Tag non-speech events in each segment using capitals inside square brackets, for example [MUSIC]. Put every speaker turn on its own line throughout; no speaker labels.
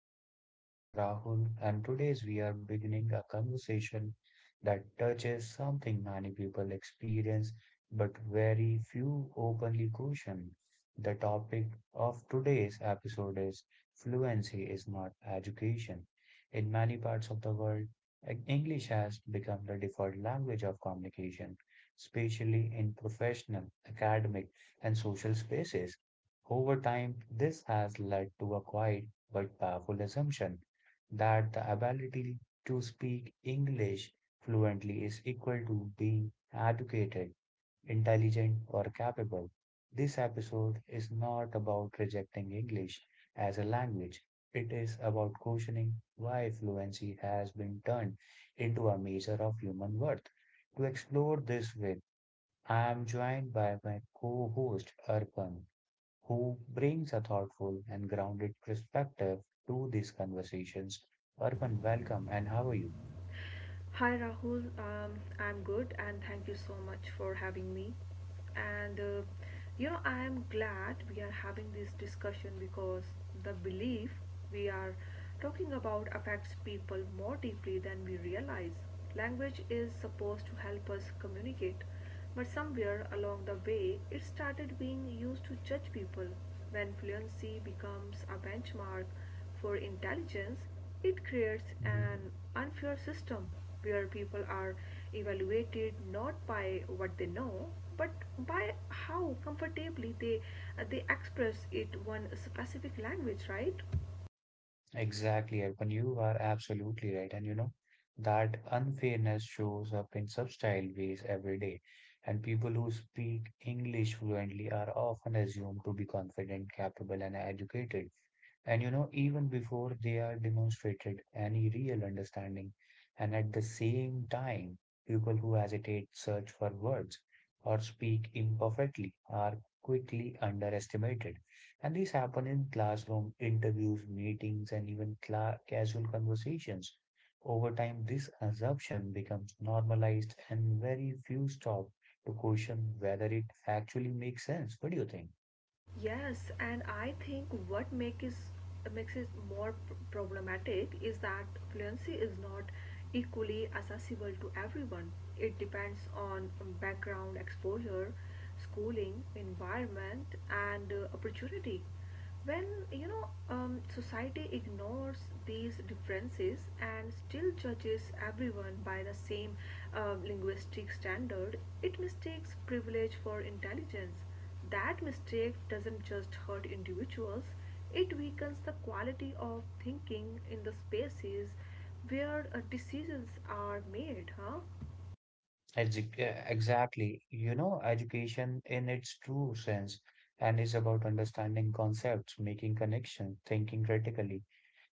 podcast. I am Rahul, and today's we are beginning a conversation that touches something many people experience but very few openly question. The topic of today's episode is fluency is not education. In many parts of the world, English has become the default language of communication, especially in professional, academic, and social spaces. Over time, this has led to a quiet but powerful assumption that the ability to speak English fluently is equal to being educated, intelligent, or capable. This episode is not about rejecting English as a language. It is about questioning why fluency has been turned into a measure of human worth. To explore this with, I am joined by my co-host, Arpan who brings a thoughtful and grounded perspective to these conversations. Urban, welcome, and how are you?
Hi Rahul, I'm good and thank you so much for having me. And I am glad we are having this discussion because the belief we are talking about affects people more deeply than we realize. Language is supposed to help us communicate, but somewhere along the way, it started being used to judge people. When fluency becomes a benchmark for intelligence, it creates
Mhm.
an unfair system where people are evaluated not by what they know but by how comfortably they express it in one specific language, right?
Exactly, Urban, you are absolutely right. And you know, that unfairness shows up in subtle ways every day. And people who speak English fluently are often assumed to be confident, capable, and educated. And you know, even before they are demonstrated any real understanding, and at the same time, people who hesitate, search for words, or speak imperfectly are quickly underestimated. And these happen in classroom interviews, meetings, and even cla casual conversations. Over time, this assumption becomes normalized, and very few stop to question whether it actually makes sense. What do you think?
Yes, and I think what makes it more problematic is that fluency is not equally accessible to everyone. It depends on background exposure, schooling, environment, and opportunity. When society ignores these differences and still judges everyone by the same linguistic standard, it mistakes privilege for intelligence. That mistake doesn't just hurt individuals; it weakens the quality of thinking in the spaces where decisions are made, huh?
Exactly. You know, education in its true sense and is about understanding concepts, making connections, thinking critically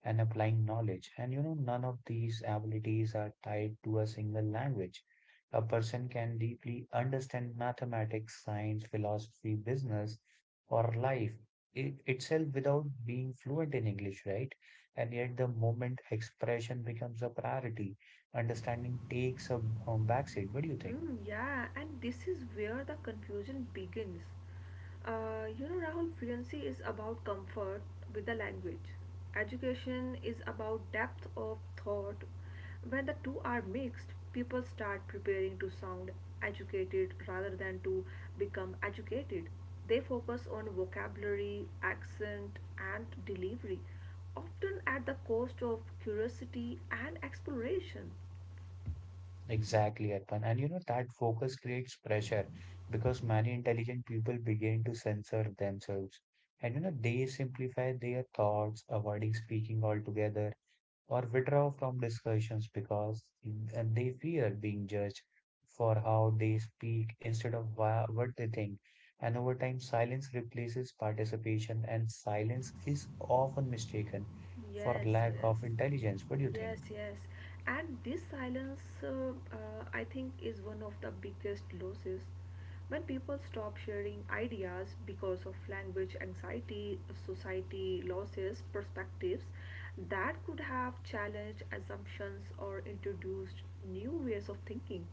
and applying knowledge. And you know, none of these abilities are tied to a single language. A person can deeply understand mathematics, science, philosophy, business, or life itself without being fluent in English, right? And yet, the moment expression becomes a priority, understanding takes a backseat. What do you think?
Mm, yeah, and this is where the confusion begins. Rahul, fluency is about comfort with the language. Education is about depth of thought. When the two are mixed, people start preparing to sound educated rather than to become educated. They focus on vocabulary, accent, and delivery, often at the cost of curiosity and exploration.
Exactly, Arpan. And you know that focus creates pressure because many intelligent people begin to censor themselves. And you know, they simplify their thoughts, avoiding speaking altogether or withdraw from discussions because and they fear being judged for how they speak instead of what they think. And over time, silence replaces participation, and silence is often mistaken for
Yes.
lack
Yes,
of intelligence. What do you think?
yes, yes. And this silence, I think, is one of the biggest losses. When people stop sharing ideas because of language anxiety, society losses perspectives that could have challenged assumptions or introduced new ways of thinking.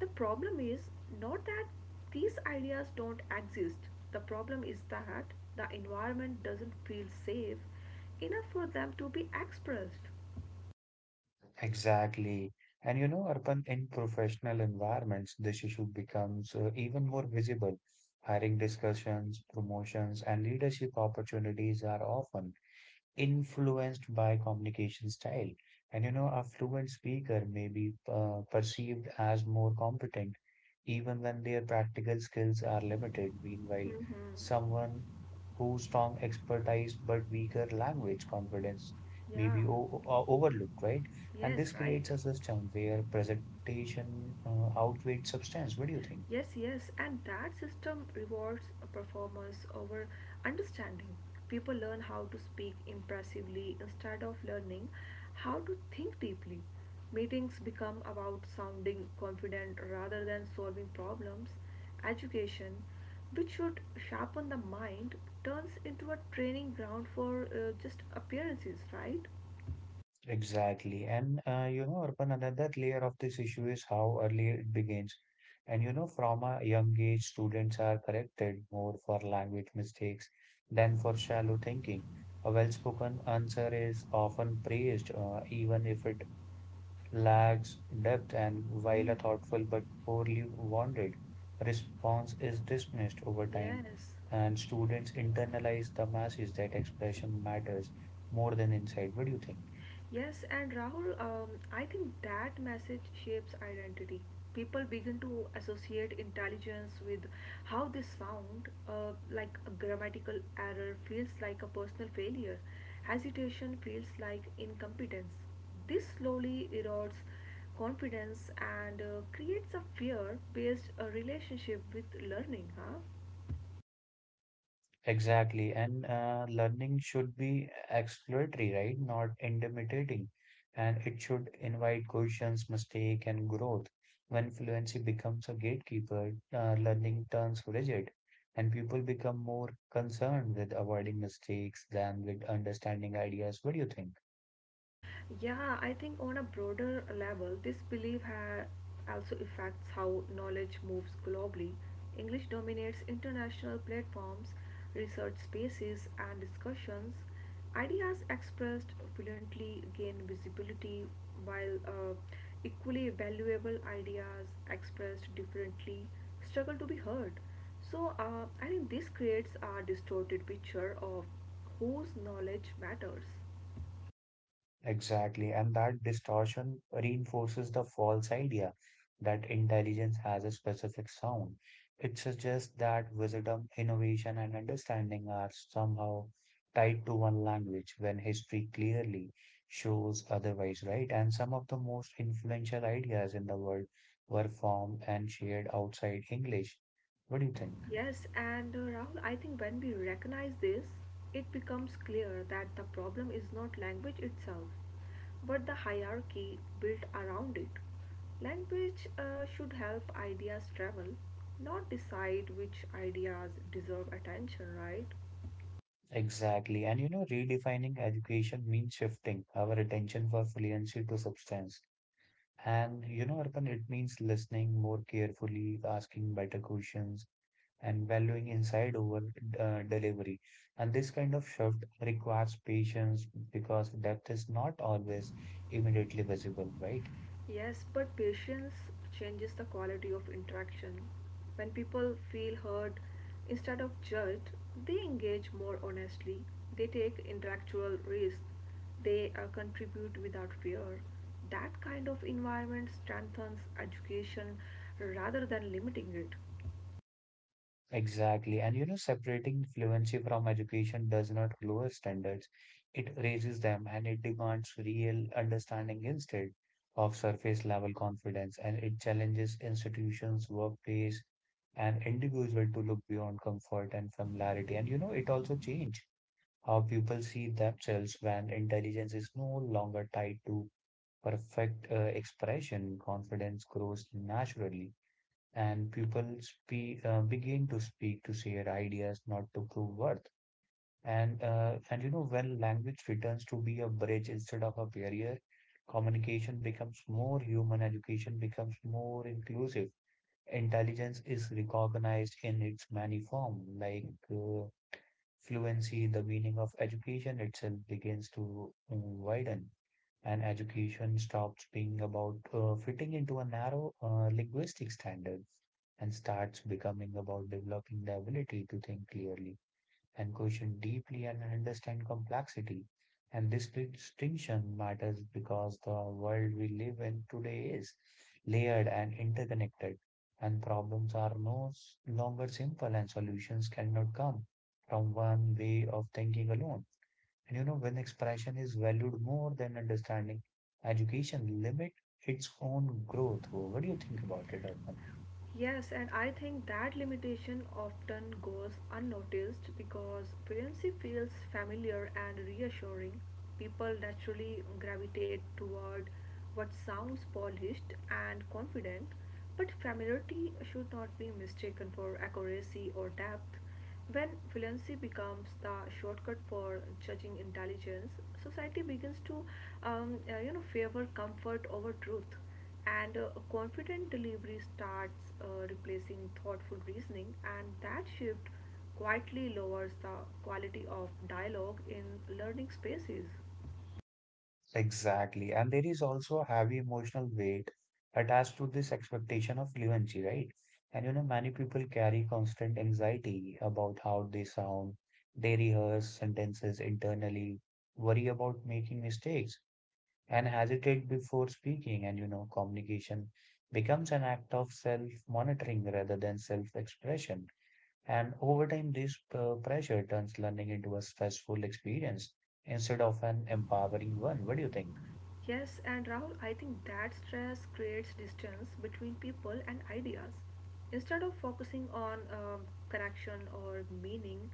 The problem is not that these ideas don't exist; the problem is that the environment doesn't feel safe enough for them to be expressed.
Exactly. And you know, Arpan, in professional environments, this issue becomes even more visible. Hiring discussions, promotions, and leadership opportunities are often influenced by communication style. And you know, a fluent speaker may be perceived as more competent even when their practical skills are limited. Meanwhile,
Mm-hmm.
someone whose strong expertise but weaker language confidence may
Yeah,
be overlooked, right? And
yes,
this
right.
creates a system where presentation outweighs substance. What do you think?
Yes, yes, and that system rewards a performance over understanding. People learn how to speak impressively instead of learning how to think deeply. Meetings become about sounding confident rather than solving problems. Education, which should sharpen the mind, turns into a training ground for just appearances, right?
Exactly. And you know, Arpan, another layer of this issue is how early it begins. And you know, from a young age, students are corrected more for language mistakes than for shallow thinking. A well-spoken answer is often praised, even if it lacks depth, and while a thoughtful but poorly worded response is dismissed over time,
Yes.
and students internalize the message that expression matters more than insight. What do you think?
Yes, and Rahul, I think that message shapes identity. People begin to associate intelligence with how they sound, like a grammatical error feels like a personal failure; hesitation feels like incompetence. This slowly erodes confidence and creates a fear based relationship with learning, huh?
Exactly. And learning should be exploratory, right? Not intimidating. And it should invite questions, mistake, and growth. When fluency becomes a gatekeeper, learning turns rigid, and people become more concerned with avoiding mistakes than with understanding ideas. What do you think?
Yeah, I think on a broader level, this belief also affects how knowledge moves globally. English dominates international platforms, research spaces, and discussions. Ideas expressed fluently gain visibility, while equally valuable ideas expressed differently struggle to be heard. So, I think this creates a distorted picture of whose knowledge matters.
Exactly, and that distortion reinforces the false idea that intelligence has a specific sound. It suggests that wisdom, innovation, and understanding are somehow tied to one language when history clearly shows otherwise, right? And some of the most influential ideas in the world were formed and shared outside English. What do you think?
Yes, and Rahul, I think when we recognize this, it becomes clear that the problem is not language itself, but the hierarchy built around it. Language should help ideas travel, not decide which ideas deserve attention, right?
Exactly. And you know, redefining education means shifting our attention for fluency to substance. And you know, Arpan, it means listening more carefully, asking better questions, and valuing inside over delivery. And this kind of shift requires patience because depth is not always immediately visible, right?
Yes, but patience changes the quality of interaction. When people feel heard instead of judged, they engage more honestly, they take intellectual risks, they contribute without fear. That kind of environment strengthens education rather than limiting it.
Exactly. And you know, separating fluency from education does not lower standards, it raises them and it demands real understanding instead of surface level confidence. And it challenges institutions, workplace, and individual to look beyond comfort and familiarity. And you know, it also change how people see themselves when intelligence is no longer tied to perfect expression. Confidence grows naturally and begin to speak to share ideas, not to prove worth. And you know when language returns to be a bridge instead of a barrier, communication becomes more human, education becomes more inclusive. Intelligence is recognized in its many forms, like fluency. The meaning of education itself begins to widen and education stops being about fitting into a narrow linguistic standard and starts becoming about developing the ability to think clearly and question deeply and understand complexity. And this distinction matters because the world we live in today is layered and interconnected, and problems are no s- longer simple, and solutions cannot come from one way of thinking alone. And you know, when expression is valued more than understanding, education limit its own growth. What do you think about it, Arpan?
Yes, and I think that limitation often goes unnoticed because fluency feels familiar and reassuring. People naturally gravitate toward what sounds polished and confident, but familiarity should not be mistaken for accuracy or depth. When fluency becomes the shortcut for judging intelligence, society begins to favor comfort over truth, and confident delivery starts replacing thoughtful reasoning, and that shift quietly lowers the quality of dialogue in learning spaces.
Exactly. And there is also a heavy emotional weight attached to this expectation of fluency, right? And you know, many people carry constant anxiety about how they sound. They rehearse sentences internally, worry about making mistakes, and hesitate before speaking. And you know, communication becomes an act of self monitoring rather than self expression. And over time, this pressure turns learning into a stressful experience instead of an empowering one. What do you think?
Yes, and Rahul, I think that stress creates distance between people and ideas. Instead of focusing on connection or meaning,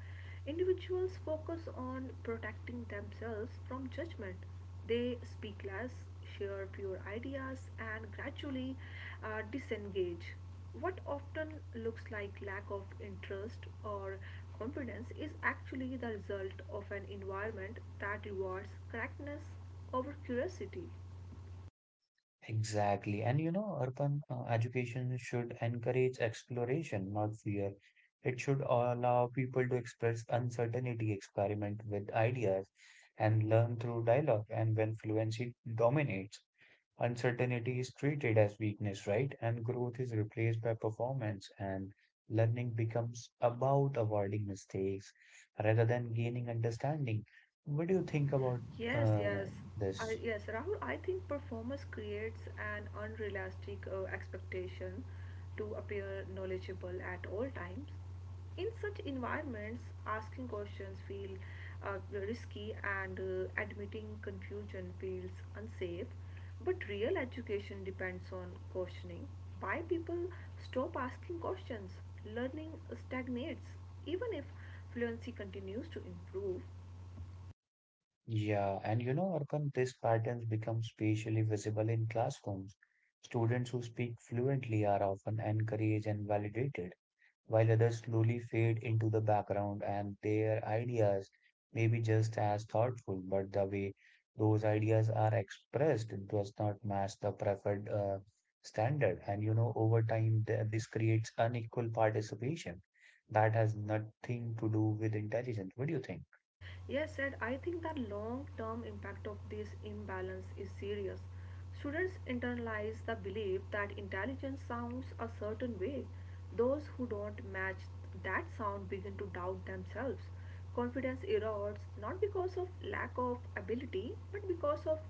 individuals focus on protecting themselves from judgment. They speak less, share fewer ideas, and gradually disengage. What often looks like lack of interest or confidence is actually the result of an environment that rewards correctness over curiosity.
Exactly. And you know, urban education should encourage exploration, not fear. It should allow people to express uncertainty, experiment with ideas, and learn through dialogue. And when fluency dominates, uncertainty is treated as weakness, right? And growth is replaced by performance, and learning becomes about avoiding mistakes rather than gaining understanding. What do you think about
Yes, yes.
uh, this?
Yes, Rahul, I think performance creates an unrealistic expectation to appear knowledgeable at all times. In such environments, asking questions feel uh, risky, and admitting confusion feels unsafe. But real education depends on questioning. Why people stop asking questions? Learning stagnates, even if fluency continues to improve.
Yeah, and you know, Arpan, these patterns become spatially visible in classrooms. Students who speak fluently are often encouraged and validated while others slowly fade into the background and their ideas may be just as thoughtful, but the way those ideas are expressed does not match the preferred standard. And you know, over time, this creates unequal participation that has nothing to do with intelligence. What do you think?
Yes, said I think the long term impact of this imbalance is serious. Students internalize the belief that intelligence sounds a certain way. Those who don't match that sound begin to doubt themselves. Confidence erodes not because of lack of ability but because of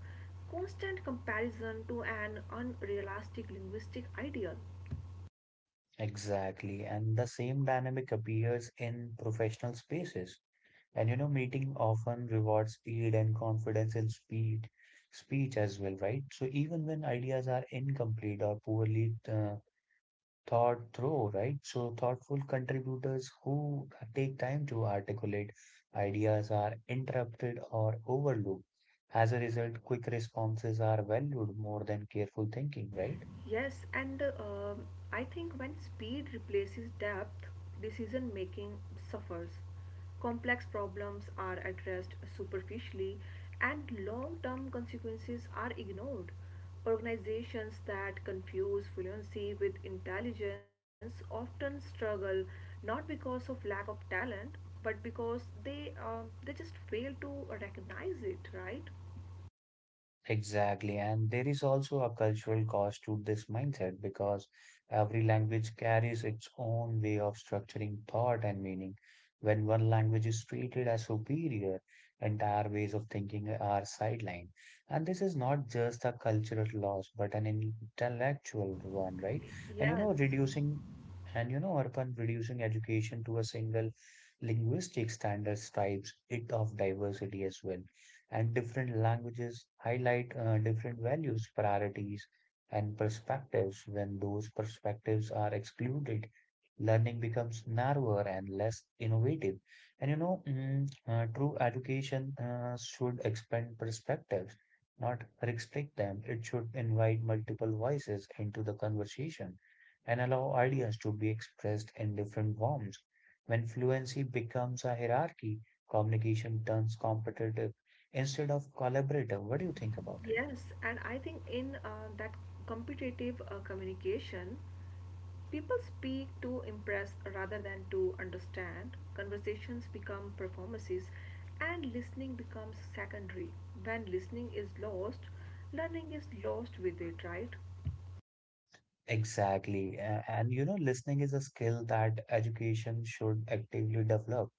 constant comparison to an unrealistic linguistic ideal.
Exactly. And the same dynamic appears in professional spaces. And you know, meeting often rewards speed and confidence in speed, speech as well, right? So even when ideas are incomplete or poorly thought through, right? So thoughtful contributors who take time to articulate ideas are interrupted or overlooked. As a result, quick responses are valued more than careful thinking, right?
Yes, and I think when speed replaces depth, decision making suffers. Complex problems are addressed superficially, and long term consequences are ignored. Organizations that confuse fluency with intelligence often struggle not because of lack of talent, but because they just fail to recognize it, right?
Exactly. And there is also a cultural cost to this mindset because every language carries its own way of structuring thought and meaning. When one language is treated as superior, entire ways of thinking are sidelined. And this is not just a cultural loss, but an intellectual one, right? And you
Yes.
know, reducing and you know, Arpan, reducing education to a single linguistic standard strips it of diversity as well and different languages highlight different values, priorities, and perspectives. When those perspectives are excluded, learning becomes narrower and less innovative. And you know, true education should expand perspectives, not restrict them. It should invite multiple voices into the conversation and allow ideas to be expressed in different forms. When fluency becomes a hierarchy, communication turns competitive instead of collaborative. What do you think about it?
Yes, and I think in that competitive communication, people speak to impress rather than to understand. Conversations become performances, and listening becomes secondary. When listening is lost, learning is lost with it, right?
Exactly. And you know, listening is a skill that education should actively develop.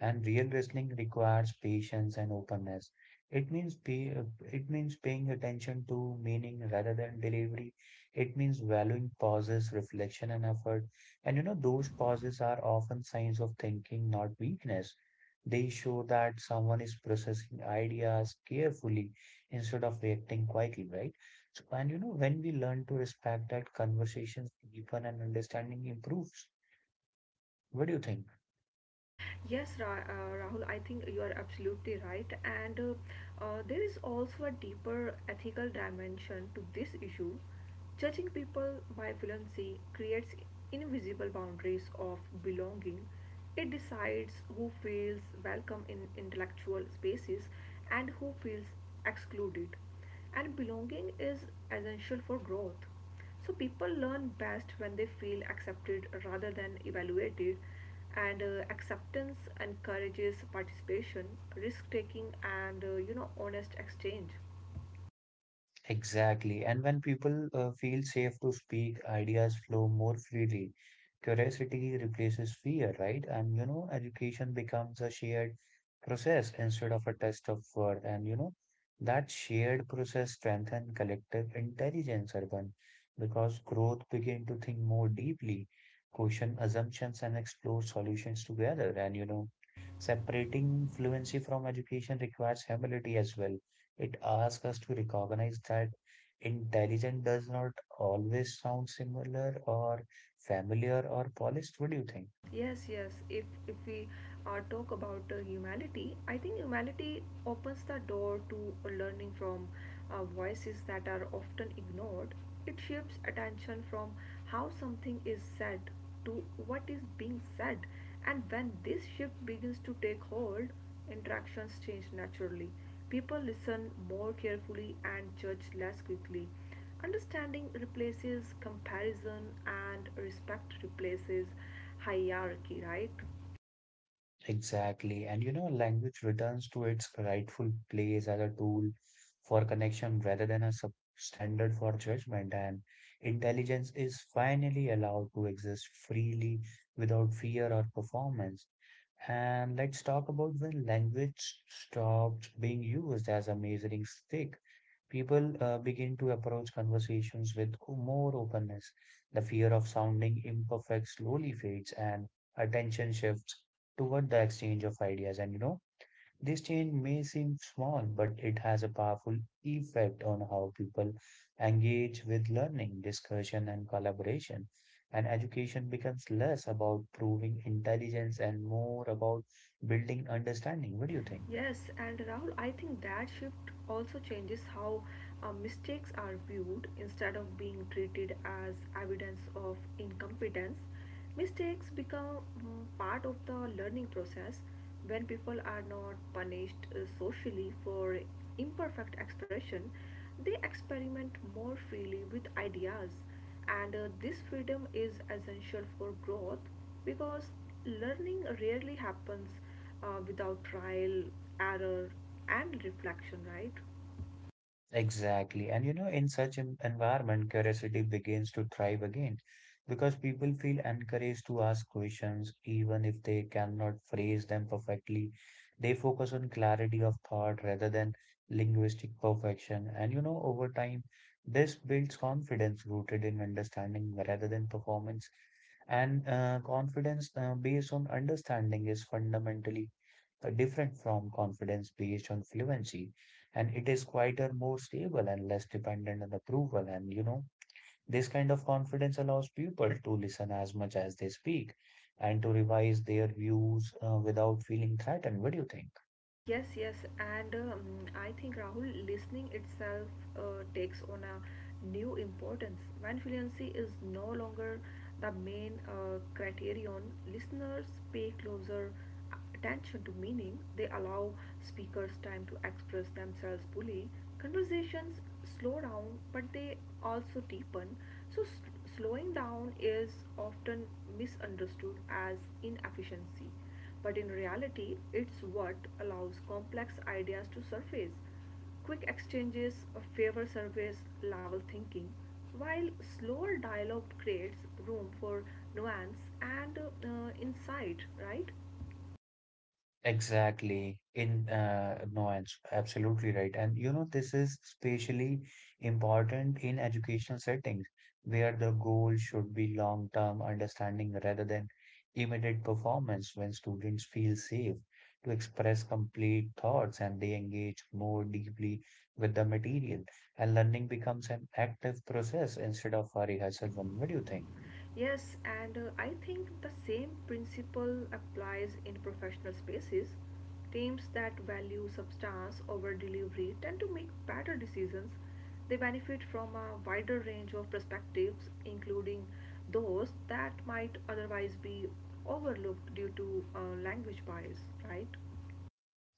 And real listening requires patience and openness. It means pay, it means paying attention to meaning rather than delivery. It means valuing pauses, reflection, and effort. And you know, those pauses are often signs of thinking, not weakness. They show that someone is processing ideas carefully instead of reacting quietly, right? So, and you know, when we learn to respect that, conversations deepen and understanding improves. What do you think?
Yes, Rahul, I think you are absolutely right. And there is also a deeper ethical dimension to this issue. Judging people by fluency creates invisible boundaries of belonging. It decides who feels welcome in intellectual spaces and who feels excluded. And belonging is essential for growth. So people learn best when they feel accepted rather than evaluated, and acceptance encourages participation, risk taking, and honest exchange.
Exactly. And when people feel safe to speak, ideas flow more freely. Curiosity replaces fear, right? And you know, education becomes a shared process instead of a test of word. And you know, that shared process strengthens collective intelligence, Urban, because growth begin to think more deeply, question assumptions, and explore solutions together. And you know, separating fluency from education requires humility as well it asks us to recognize that intelligent does not always sound similar or familiar or polished. What do you think?
Yes, yes. If we talk about humanity, I think humanity opens the door to learning from voices that are often ignored. It shifts attention from how something is said to what is being said, and when this shift begins to take hold, interactions change naturally. People listen more carefully and judge less quickly. Understanding replaces comparison, and respect replaces hierarchy, right?
Exactly. And you know, language returns to its rightful place as a tool for connection rather than a substandard for judgment. And intelligence is finally allowed to exist freely without fear or performance. And let's talk about when language stops being used as a measuring stick. People begin to approach conversations with more openness. The fear of sounding imperfect slowly fades and attention shifts toward the exchange of ideas. This change may seem small, but it has a powerful effect on how people engage with learning, discussion, and collaboration. And education becomes less about proving intelligence and more about building understanding. What do you think?
Yes, and Rahul, I think that shift also changes how mistakes are viewed instead of being treated as evidence of incompetence. Mistakes become part of the learning process. When people are not punished socially for imperfect expression, they experiment more freely with ideas, and this freedom is essential for growth, because learning rarely happens without trial, error, and reflection, right?
Exactly. In such an environment, curiosity begins to thrive again because people feel encouraged to ask questions even if they cannot phrase them perfectly. They focus on clarity of thought rather than linguistic perfection. Over time, this builds confidence rooted in understanding rather than performance. And Confidence based on understanding is fundamentally different from confidence based on fluency, and it is quieter, more stable, and less dependent on approval. This kind of confidence allows people to listen as much as they speak and to revise their views without feeling threatened. What do you think?
Yes, yes, and I think Rahul, listening itself takes on a new importance. When fluency is no longer the main criterion, listeners pay closer attention to meaning. They allow speakers time to express themselves fully. Conversations slow down, but they also deepen. So, slowing down is often misunderstood as inefficiency, but in reality, it's what allows complex ideas to surface. Quick exchanges favor surface level thinking, while slower dialogue creates room for nuance and insight, right?
Exactly. In no, it's absolutely right. This is especially important in educational settings where the goal should be long-term understanding rather than immediate performance. When students feel safe to express complete thoughts and they engage more deeply with the material, and learning becomes an active process instead of a rehearsal one. What do you think?
Yes, and I think the same principle applies in professional spaces. Teams that value substance over delivery tend to make better decisions. They benefit from a wider range of perspectives, including those that might otherwise be overlooked due to language bias, right?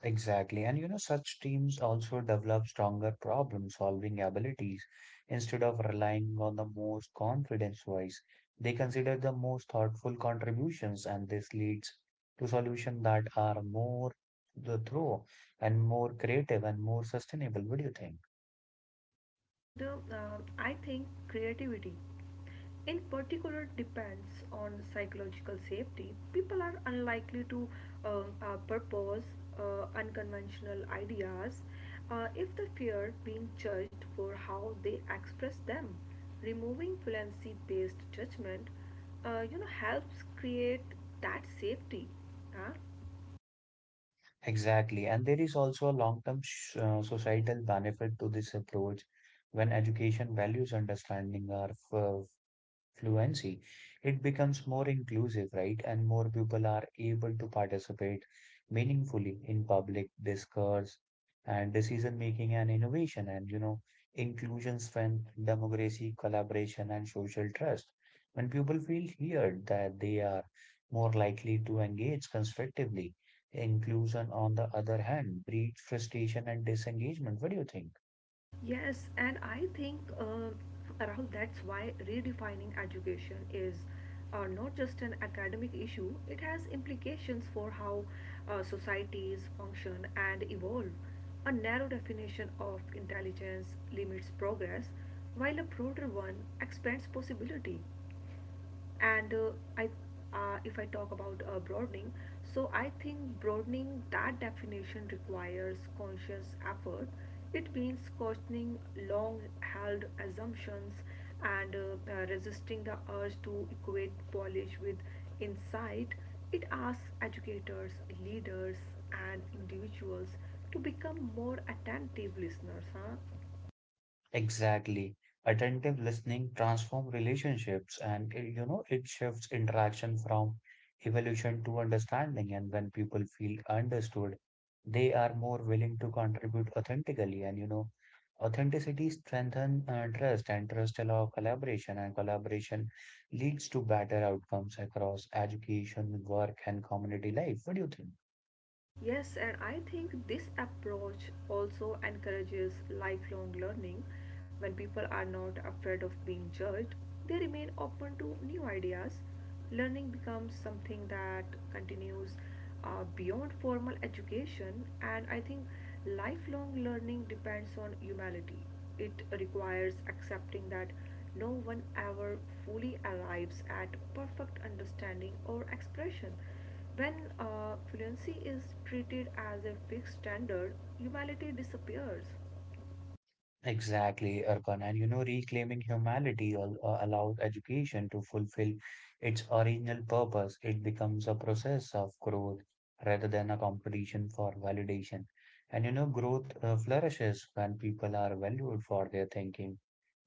Exactly. Such teams also develop stronger problem-solving abilities instead of relying on the most confidence voice. They consider the most thoughtful contributions, and this leads to solutions that are more the throw and more creative and more sustainable. What do you think?
And I think creativity in particular depends on psychological safety. People are unlikely to purpose unconventional ideas if they fear being judged for how they express them. Removing fluency based judgment helps create that safety, huh?
Exactly. And there is also a long-term societal benefit to this approach when education values understanding are f fluency, it becomes more inclusive, right? And more people are able to participate meaningfully in public discourse and decision making and innovation, inclusion strength, democracy, collaboration, and social trust. When people feel heard that they are more likely to engage constructively, inclusion, on the other hand, breeds frustration and disengagement. What do you think?
Yes, and I think Rahul, that's why redefining education is not just an academic issue; it has implications for how societies function and evolve. A narrow definition of intelligence limits progress, while a broader one expands possibility. And I if I talk about broadening, so I think broadening that definition requires conscious effort. It means questioning long held assumptions and resisting the urge to equate polish with insight. It asks educators, leaders, and individuals to become more attentive listeners, huh?
Exactly. Attentive listening transforms relationships, and it shifts interaction from evolution to understanding, and when people feel understood they are more willing to contribute authentically, and authenticity strengthens trust, and trust allows collaboration, and collaboration leads to better outcomes across education, work and community life. What do you think?
Yes, and I think this approach also encourages lifelong learning. When people are not afraid of being judged, they remain open to new ideas. Learning becomes something that continues beyond formal education, and I think lifelong learning depends on humility. It requires accepting that no one ever fully arrives at perfect understanding or expression. When fluency is treated as a fixed standard, humanity disappears.
Exactly, Arkan. Reclaiming humanity al allows education to fulfill its original purpose. It becomes a process of growth rather than a competition for validation. Growth flourishes when people are valued for their thinking,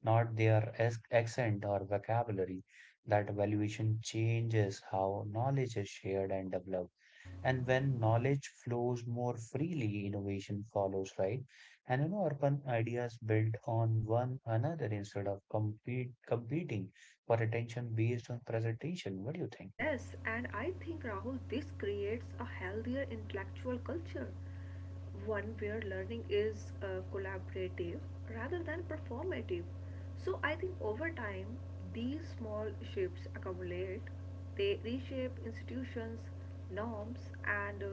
not their accent or vocabulary. That valuation changes how knowledge is shared and developed. And when knowledge flows more freely, innovation follows, right? Urban ideas build on one another instead of competing for attention based on presentation. What do you think?
Yes, and I think Rahul, this creates a healthier intellectual culture, one where learning is collaborative rather than performative. So I think over time, these small shifts accumulate. They reshape institutions, norms, and uh,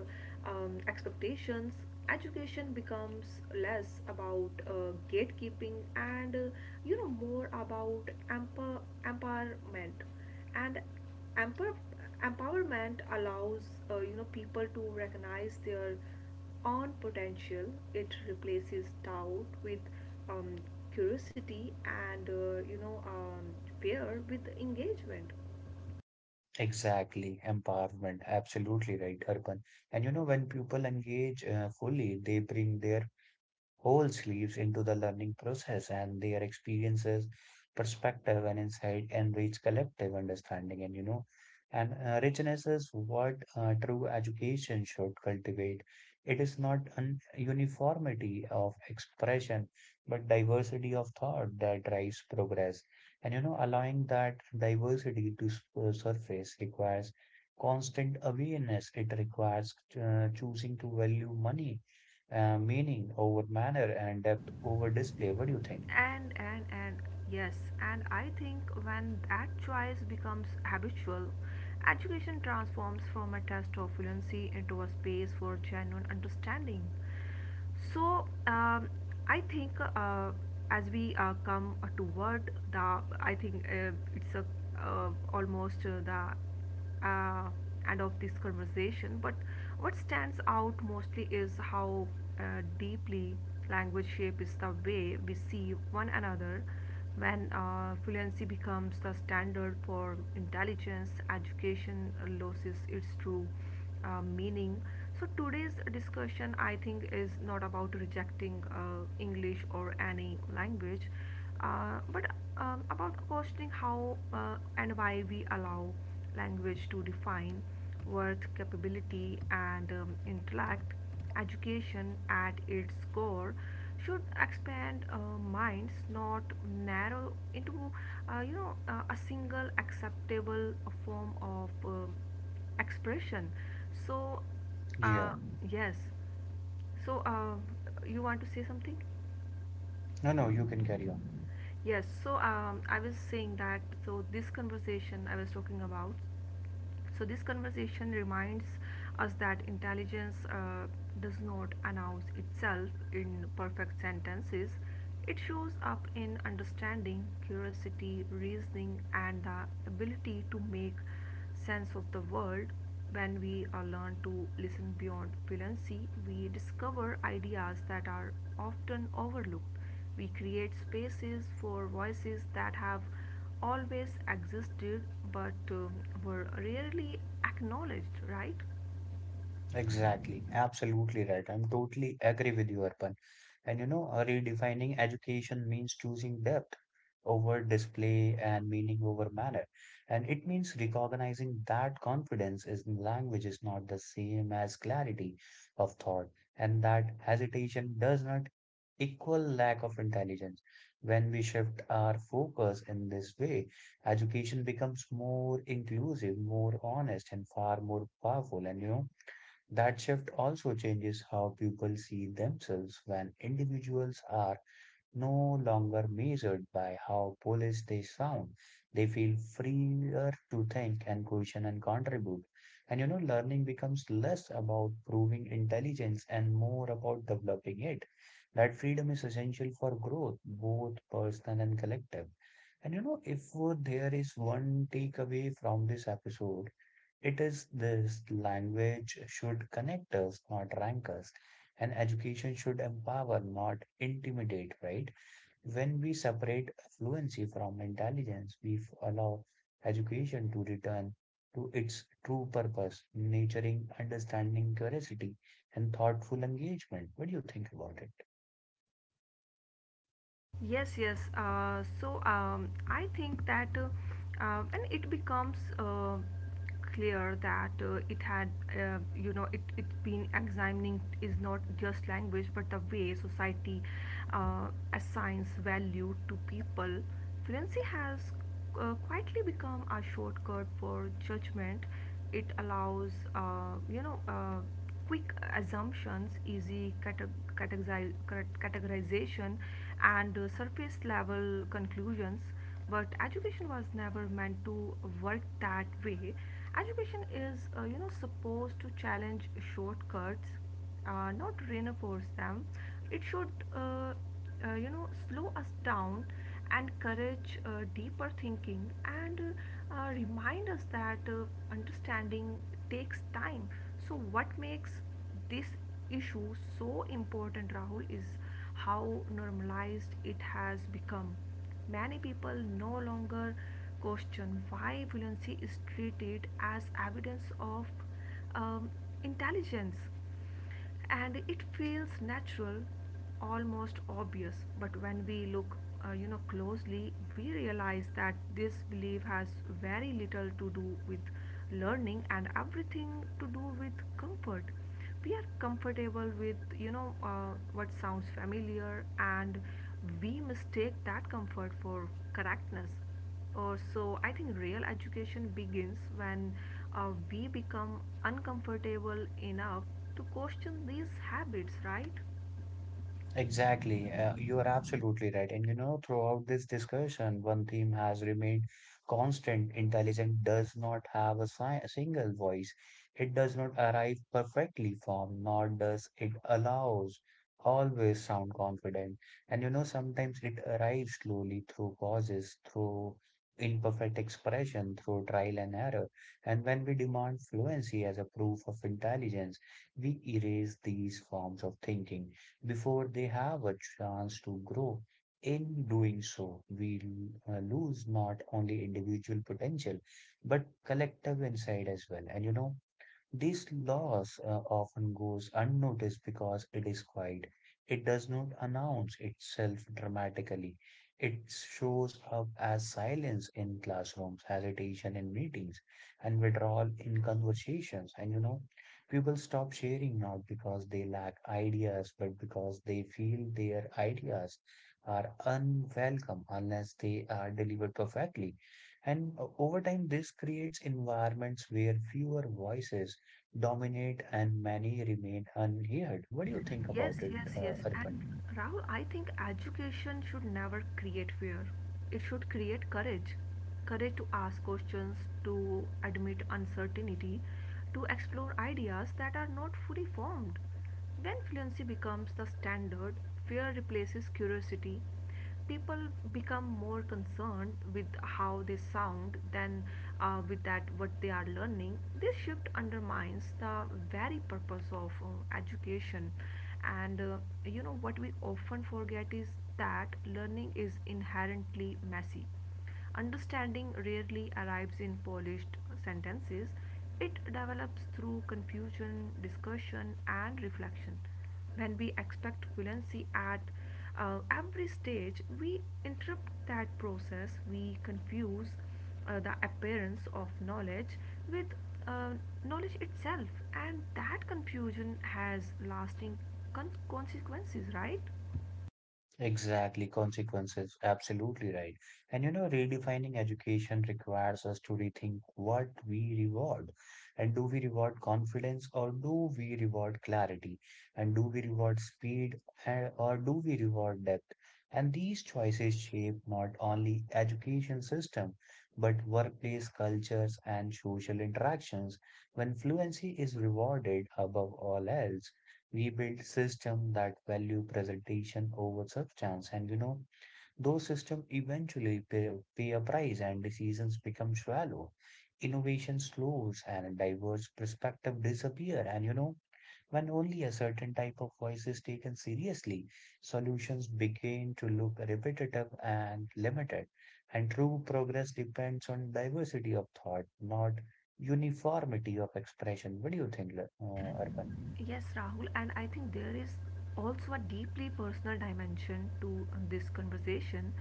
um, expectations. Education becomes less about gatekeeping and more about empowerment. And empower, empowerment allows people to recognize their own potential. It replaces doubt with um, curiosity and fear with engagement.
Exactly, empowerment, absolutely right, Urban. When people engage fully, they bring their whole sleeves into the learning process, and their experiences, perspective, and insight enrich collective understanding. And richness is what true education should cultivate. It is not an uniformity of expression, but diversity of thought that drives progress. Allowing that diversity to surface requires constant awareness. It requires choosing to value money meaning over manner and depth over display. What do you think?
And yes, and I think when that choice becomes habitual, education transforms from a test of fluency into a space for genuine understanding. so um, I think uh, as we come toward the I think it's a almost the uh, and of this conversation, but what stands out mostly is how deeply language shapes the way we see one another. When fluency becomes the standard for intelligence, education loses its true meaning. So today's discussion, I think, is not about rejecting English or any language, but about questioning how and why we allow language to define worth, capability, and intellect. Education at its core should expand minds, not narrow into a single acceptable form of expression. So
Yeah.
uh, yes. So you want to say something?
No, no, you can carry on.
Yes, so I was saying that, so this conversation I was talking about, so this conversation reminds us that intelligence does not announce itself in perfect sentences. It shows up in understanding, curiosity, reasoning, and the ability to make sense of the world. When we learn to listen beyond fluency, we discover ideas that are often overlooked. We create spaces for voices that have always existed but were rarely acknowledged, right?
Exactly, absolutely right. I'm totally agree with you, Arpan. Redefining education means choosing depth over display and meaning over manner. And it means recognizing that confidence is in language is not the same as clarity of thought, and that hesitation does not equal lack of intelligence. When we shift our focus in this way, education becomes more inclusive, more honest, and far more powerful. That shift also changes how people see themselves when individuals are no longer measured by how polished they sound. They feel freer to think and question and contribute. Learning becomes less about proving intelligence and more about developing it. That freedom is essential for growth, both personal and collective. If there is one takeaway from this episode, it is this: language should connect us, not rank us, and education should empower, not intimidate, right? When we separate fluency from intelligence, we allow education to return to its true purpose, nurturing understanding, curiosity, and thoughtful engagement. What do you think about it?
Yes, yes. I think that when it becomes clear that it had, it it's been examining is not just language but the way society assigns value to people. Fluency has quietly become a shortcut for judgment. It allows, quick assumptions, easy categorization, and surface level conclusions. But education was never meant to work that way. Education is, supposed to challenge shortcuts, not reinforce them. It should, slow us down, and encourage deeper thinking, and remind us that understanding takes time. So, what makes this issue so important, Rahul, is how normalized it has become. Many people no longer question why violency is treated as evidence of um, intelligence, and it feels natural, almost obvious. But when we look closely, we realize that this belief has very little to do with learning and everything to do with comfort. We are comfortable with what sounds familiar, and we mistake that comfort for correctness. Or so I think real education begins when we become uncomfortable enough to question these habits, right?
Exactly. You are absolutely right. Throughout this discussion, one theme has remained constant. Intelligence does not have a single voice. It does not arrive perfectly formed, nor does it allows always sound confident. Sometimes it arrives slowly through pauses, through imperfect expression, through trial and error. And when we demand fluency as a proof of intelligence, we erase these forms of thinking before they have a chance to grow. In doing so, we lose not only individual potential but collective insight as well. This loss often goes unnoticed because it is quiet. It does not announce itself dramatically. It shows up as silence in classrooms, hesitation in meetings, and withdrawal in conversations. People stop sharing not because they lack ideas, but because they feel their ideas are unwelcome unless they are delivered perfectly. And Over time, this creates environments where fewer voices dominate and many remain unheard. What do you think
Yes,
about it,
yes, yes.
Arpan?
And Rahul, I think education should never create fear. It should create courage. Courage to ask questions, to admit uncertainty, to explore ideas that are not fully formed. When fluency becomes the standard, fear replaces curiosity. People become more concerned with how they sound than with that what they are learning. This shift undermines the very purpose of education. And you know what we often forget is that learning is inherently messy. Understanding rarely arrives in polished sentences, it develops through confusion, discussion, and reflection. When we expect fluency at every stage, we interrupt that process. We confuse the appearance of knowledge with uh, knowledge itself, and that confusion has lasting consequences, right?
Exactly, consequences. Absolutely right. Redefining education requires us to rethink what we reward. And do we reward confidence or do we reward clarity? And do we reward speed and, or do we reward depth? And these choices shape not only education system, but workplace cultures and social interactions. When fluency is rewarded above all else, we build system that value presentation over substance, and those system eventually pay a price, and decisions become shallow, innovation slows and diverse perspective disappear, and when only a certain type of voice is taken seriously, solutions begin to look repetitive and limited, and true progress depends on diversity of thought, not uniformity of expression. What do you think, arpan?
Yes, Rahul, and I think there is also a deeply personal dimension to this conversation.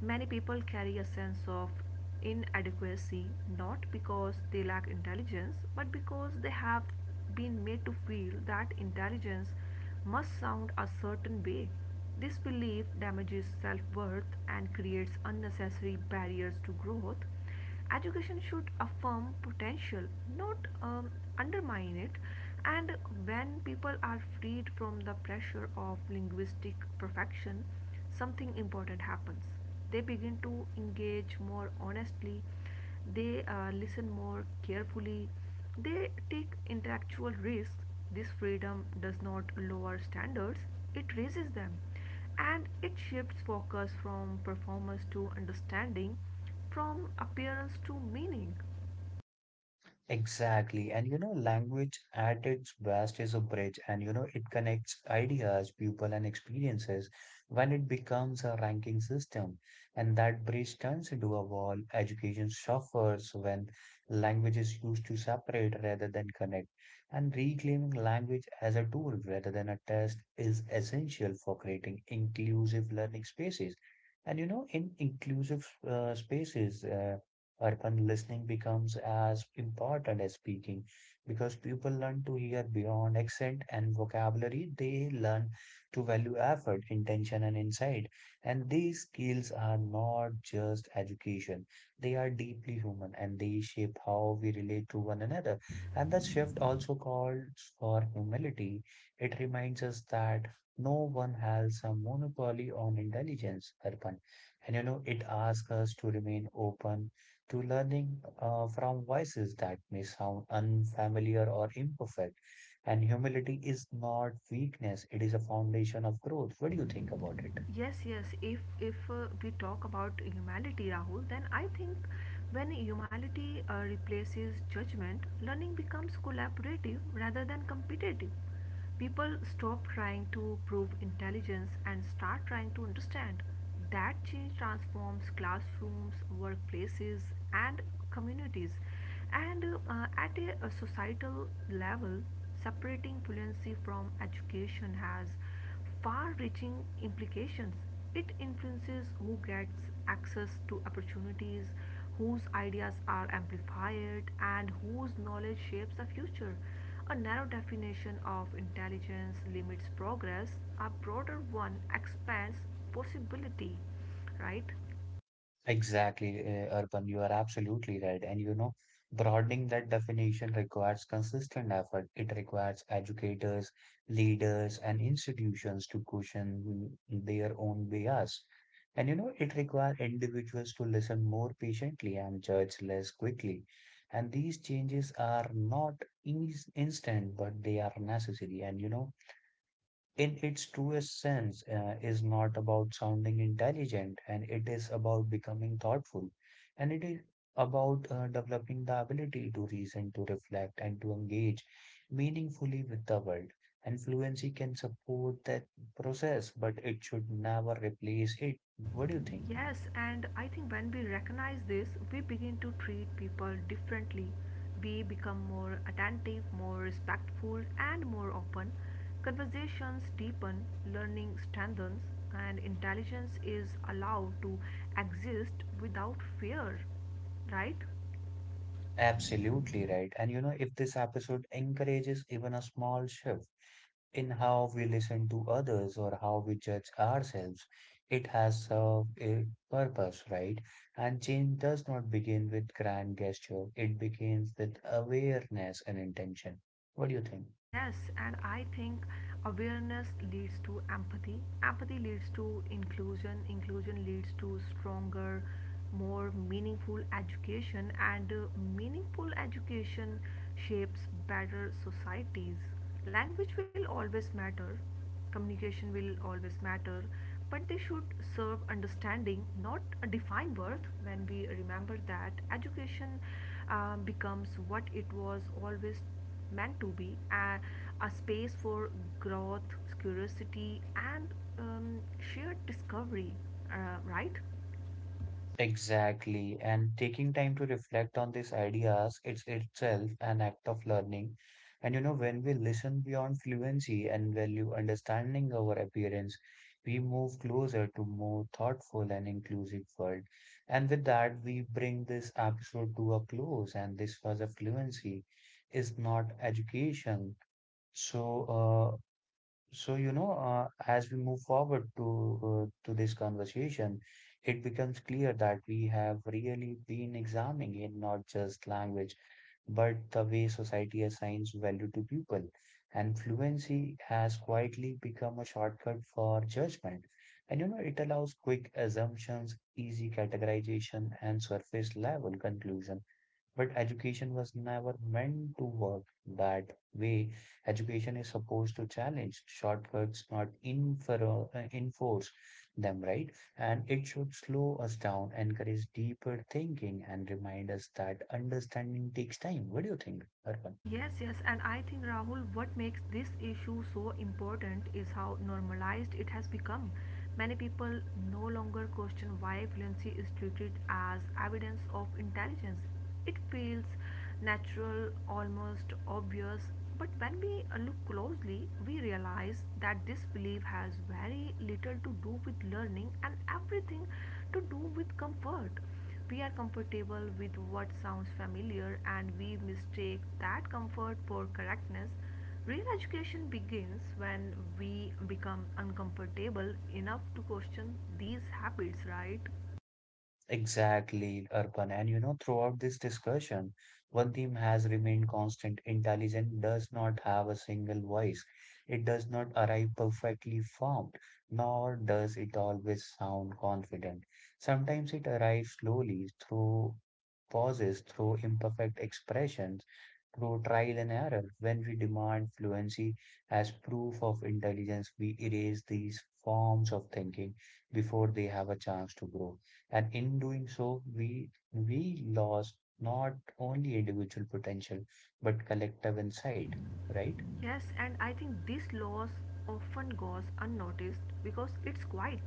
Many people carry a sense of inadequacy not because they lack intelligence, but because they have been made to feel that intelligence must sound a certain way. This belief damages self worth and creates unnecessary barriers to growth. Education should affirm potential, not undermine it. And when people are freed from the pressure of linguistic perfection, something important happens. They begin to engage more honestly, they listen more carefully, they take intellectual risks. This freedom does not lower standards, it raises them, and it shifts focus from performance to understanding, from appearance to meaning.
Exactly. Language at its best is a bridge, and it connects ideas, people, and experiences. When it becomes a ranking system, and that bridge turns into a wall, education suffers when language is used to separate rather than connect. And reclaiming language as a tool rather than a test is essential for creating inclusive learning spaces. In inclusive spaces, Urban, listening becomes as important as speaking, because people learn to hear beyond accent and vocabulary. They learn to value effort, intention, and insight. And these skills are not just education, they are deeply human, and they shape how we relate to one another. And the shift also calls for humility. It reminds us that no one has a monopoly on intelligence, Arpan. It asks us to remain open to learning from voices that may sound unfamiliar or imperfect. And humility is not weakness, it is a foundation of growth. What do you think about it?
Yes, yes. If we talk about humanity, Rahul, then I think when humanity replaces judgment, learning becomes collaborative rather than competitive. People stop trying to prove intelligence and start trying to understand. That change transforms classrooms, workplaces, and communities. And At a societal level, separating fluency from education has far reaching implications. It influences who gets access to opportunities, whose ideas are amplified, and whose knowledge shapes the future. A narrow definition of intelligence limits progress, a broader one expands possibility, right?
Exactly, Urban, you are absolutely right. Broadening that definition requires consistent effort. It requires educators, leaders, and institutions to question their own bias. It requires individuals to listen more patiently and judge less quickly. And these changes are not instant, but they are necessary. In its truest sense, is not about sounding intelligent, and it is about becoming thoughtful. And it is about developing the ability to reason, to reflect, and to engage meaningfully with the world. And fluency can support that process, but it should never replace it. What do you think?
Yes, and I think when we recognize this, we begin to treat people differently. We become more attentive, more respectful, and more open. Conversations deepen, learning strengthens, and intelligence is allowed to exist without fear, right?
Absolutely right. If this episode encourages even a small shift, in how we listen to others or how we judge ourselves. It has served a purpose, right? And change does not begin with grand gesture, it begins with awareness and intention. What do you think?
Yes, and I think awareness leads to empathy. Empathy leads to inclusion. Inclusion leads to stronger, more meaningful education, and meaningful education shapes better societies. Language will always matter, communication will always matter, but they should serve understanding, not define worth. When we remember that, education becomes what it was always meant to be, a space for growth, curiosity, and um, shared discovery, right?
Exactly. And taking time to reflect on these ideas, it's itself an act of learning. When we listen beyond fluency and value understanding our appearance, we move closer to more thoughtful and inclusive world. And with that, we bring this episode to a close. And this was a fluency is not education. So, uh, so, as we move forward to this conversation, it becomes clear that we have really been examining it not just language, but the way society assigns value to people. And fluency has quietly become a shortcut for judgment. It allows quick assumptions, easy categorization, and surface level conclusion. But education was never meant to work that way. Education is supposed to challenge shortcuts, not infer enforce them, right? And it should slow us down, encourage deeper thinking, and remind us that understanding takes time. What do you think, Arpan?
Yes, yes, and I think Rahul, what makes this issue so important is how normalized it has become. Many people no longer question why fluency is treated as evidence of intelligence. It feels natural, almost obvious, but when we look closely, we realize that this belief has very little to do with learning and everything to do with comfort. We are comfortable with what sounds familiar, and we mistake that comfort for correctness. Real education begins when we become uncomfortable enough to question these habits, right?
Exactly, Arpan. And you know, throughout this discussion, one theme has remained constant. Intelligence does not have a single voice. It does not arrive perfectly formed, nor does it always sound confident. Sometimes it arrives slowly through pauses, through imperfect expressions, through trial and error, when we demand fluency as proof of intelligence, we erase these forms of thinking before they have a chance to grow. And in doing so, we lost not only individual potential but collective insight, right?
Yes, and I think this loss often goes unnoticed because it's quiet.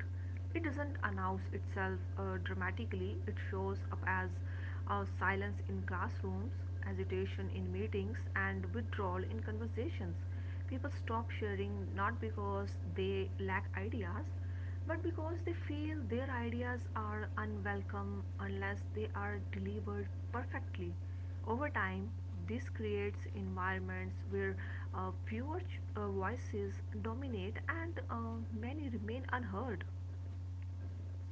It doesn't announce itself dramatically. It shows up as silence in classrooms, agitation in meetings, and withdrawal in conversations. People stop sharing not because they lack ideas, but because they feel their ideas are unwelcome unless they are delivered perfectly. Over time, this creates environments where fewer voices dominate, and many remain unheard.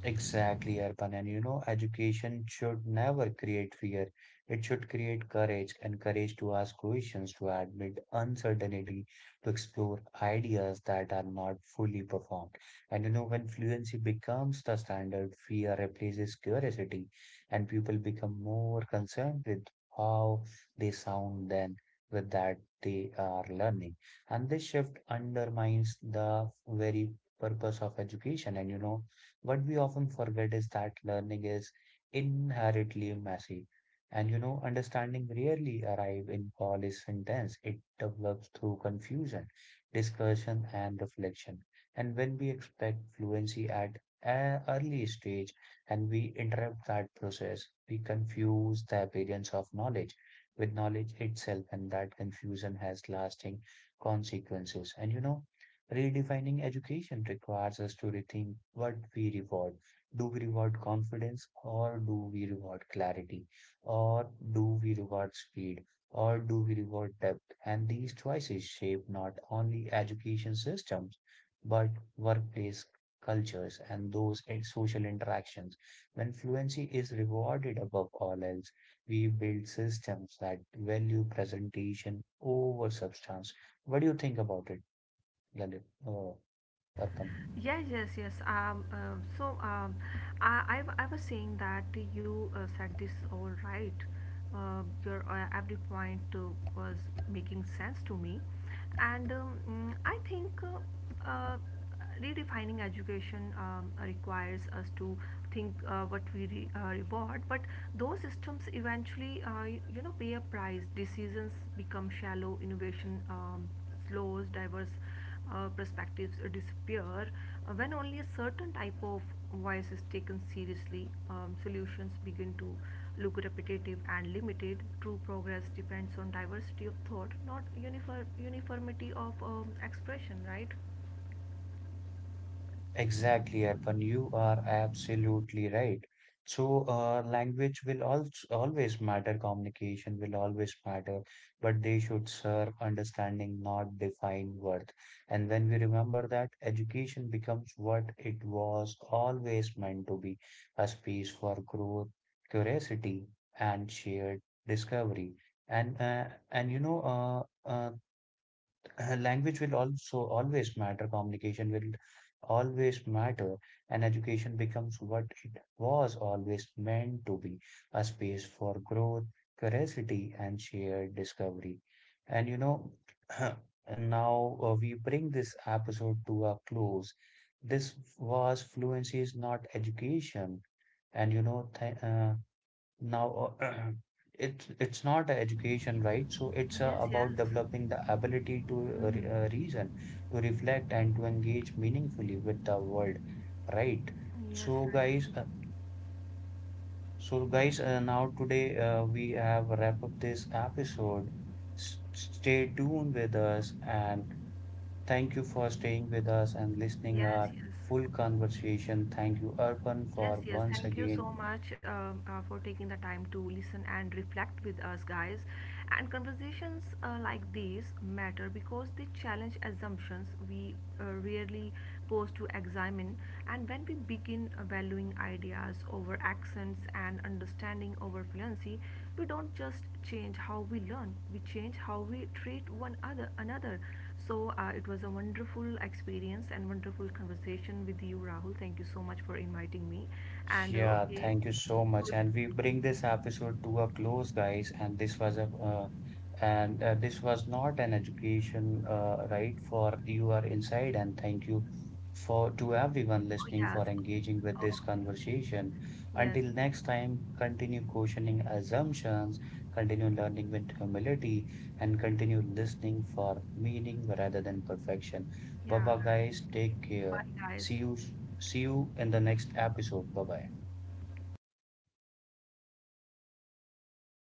Exactly, Arpan. And you know, education should never create fear. It should create courage and courage to ask questions, to admit uncertainty, to explore ideas that are not fully performed. And you know, when fluency becomes the standard, fear replaces curiosity, and people become more concerned with how they sound than with that they are learning. And this shift undermines the very purpose of education. And you know, what we often forget is that learning is inherently messy. And you know, understanding rarely arrive in polished sentence. It develops through confusion, discussion, and reflection. And when we expect fluency at an early stage and we interrupt that process, we confuse the appearance of knowledge with knowledge itself, and that confusion has lasting consequences. And you know, redefining education requires us to rethink what we reward. Do we reward confidence or do we reward clarity? Or do we reward speed? Or do we reward depth? And these choices shape not only education systems, but workplace cultures and social interactions. When fluency is rewarded above all else, we build systems that value presentation over substance. What do you think about it, Lalit? Oh, Arpan.
Yes, yes, yes. I was saying that you said this all right. Your every point was making sense to me, and I think redefining education requires us to think what we reward. But those systems eventually, pay a price. Decisions become shallow. Innovation slows. Diverse perspectives disappear when only a certain type of voice is taken seriously. Solutions begin to look repetitive and limited. True progress depends on diversity of thought, not uniformity of expression, right?
Exactly, Arpan. You are absolutely right. So, language will also always matter, communication will always matter, but they should serve understanding, not define worth. And when we remember that, education becomes what it was always meant to be, a space for growth, curiosity, and shared discovery. And uh, and you know, uh, uh, Language will also always matter, communication will always matter, and education becomes what it was always meant to be, a space for growth, curiosity, and shared discovery. And you know, [CLEARS THROAT] and now we bring this episode to a close. This was fluency is not education, and you know, th now, [CLEARS THROAT] it's not a education, right? So it's
Yes, yes,
about developing the ability to reason, to reflect, and to engage meaningfully with the world, right?
yes,
So,
right.
guys, uh, so guys, now today we have wrapped up this episode. S Stay tuned with us, and thank you for staying with us and listening
Yes,
our
yes.
full conversation. Thank you, Arpan,
Yes,
for
yes.
once
Thank you so
again.
much, for taking the time to listen and reflect with us, guys. And conversations like these matter because they challenge assumptions we rarely pose to examine. And when we begin valuing ideas over accents and understanding over fluency, we don't just change how we learn; we change how we treat one other another. So it was a wonderful experience and wonderful conversation with you, Rahul. Thank you so much for inviting me. And
Yeah,
okay,
thank you so
good.
much. And we bring this episode to a close, guys. And this was a and This was not an education, right? For you are inside, and thank you for to everyone
Oh
listening
yes.
for engaging with
Oh
this conversation.
yes.
Until next time, continue questioning assumptions, continue learning with humility, and continue listening for meaning rather than perfection.
Yeah.
Baba, guys, take
Bye,
care.
guys.
See you See you in the next episode. Bye bye.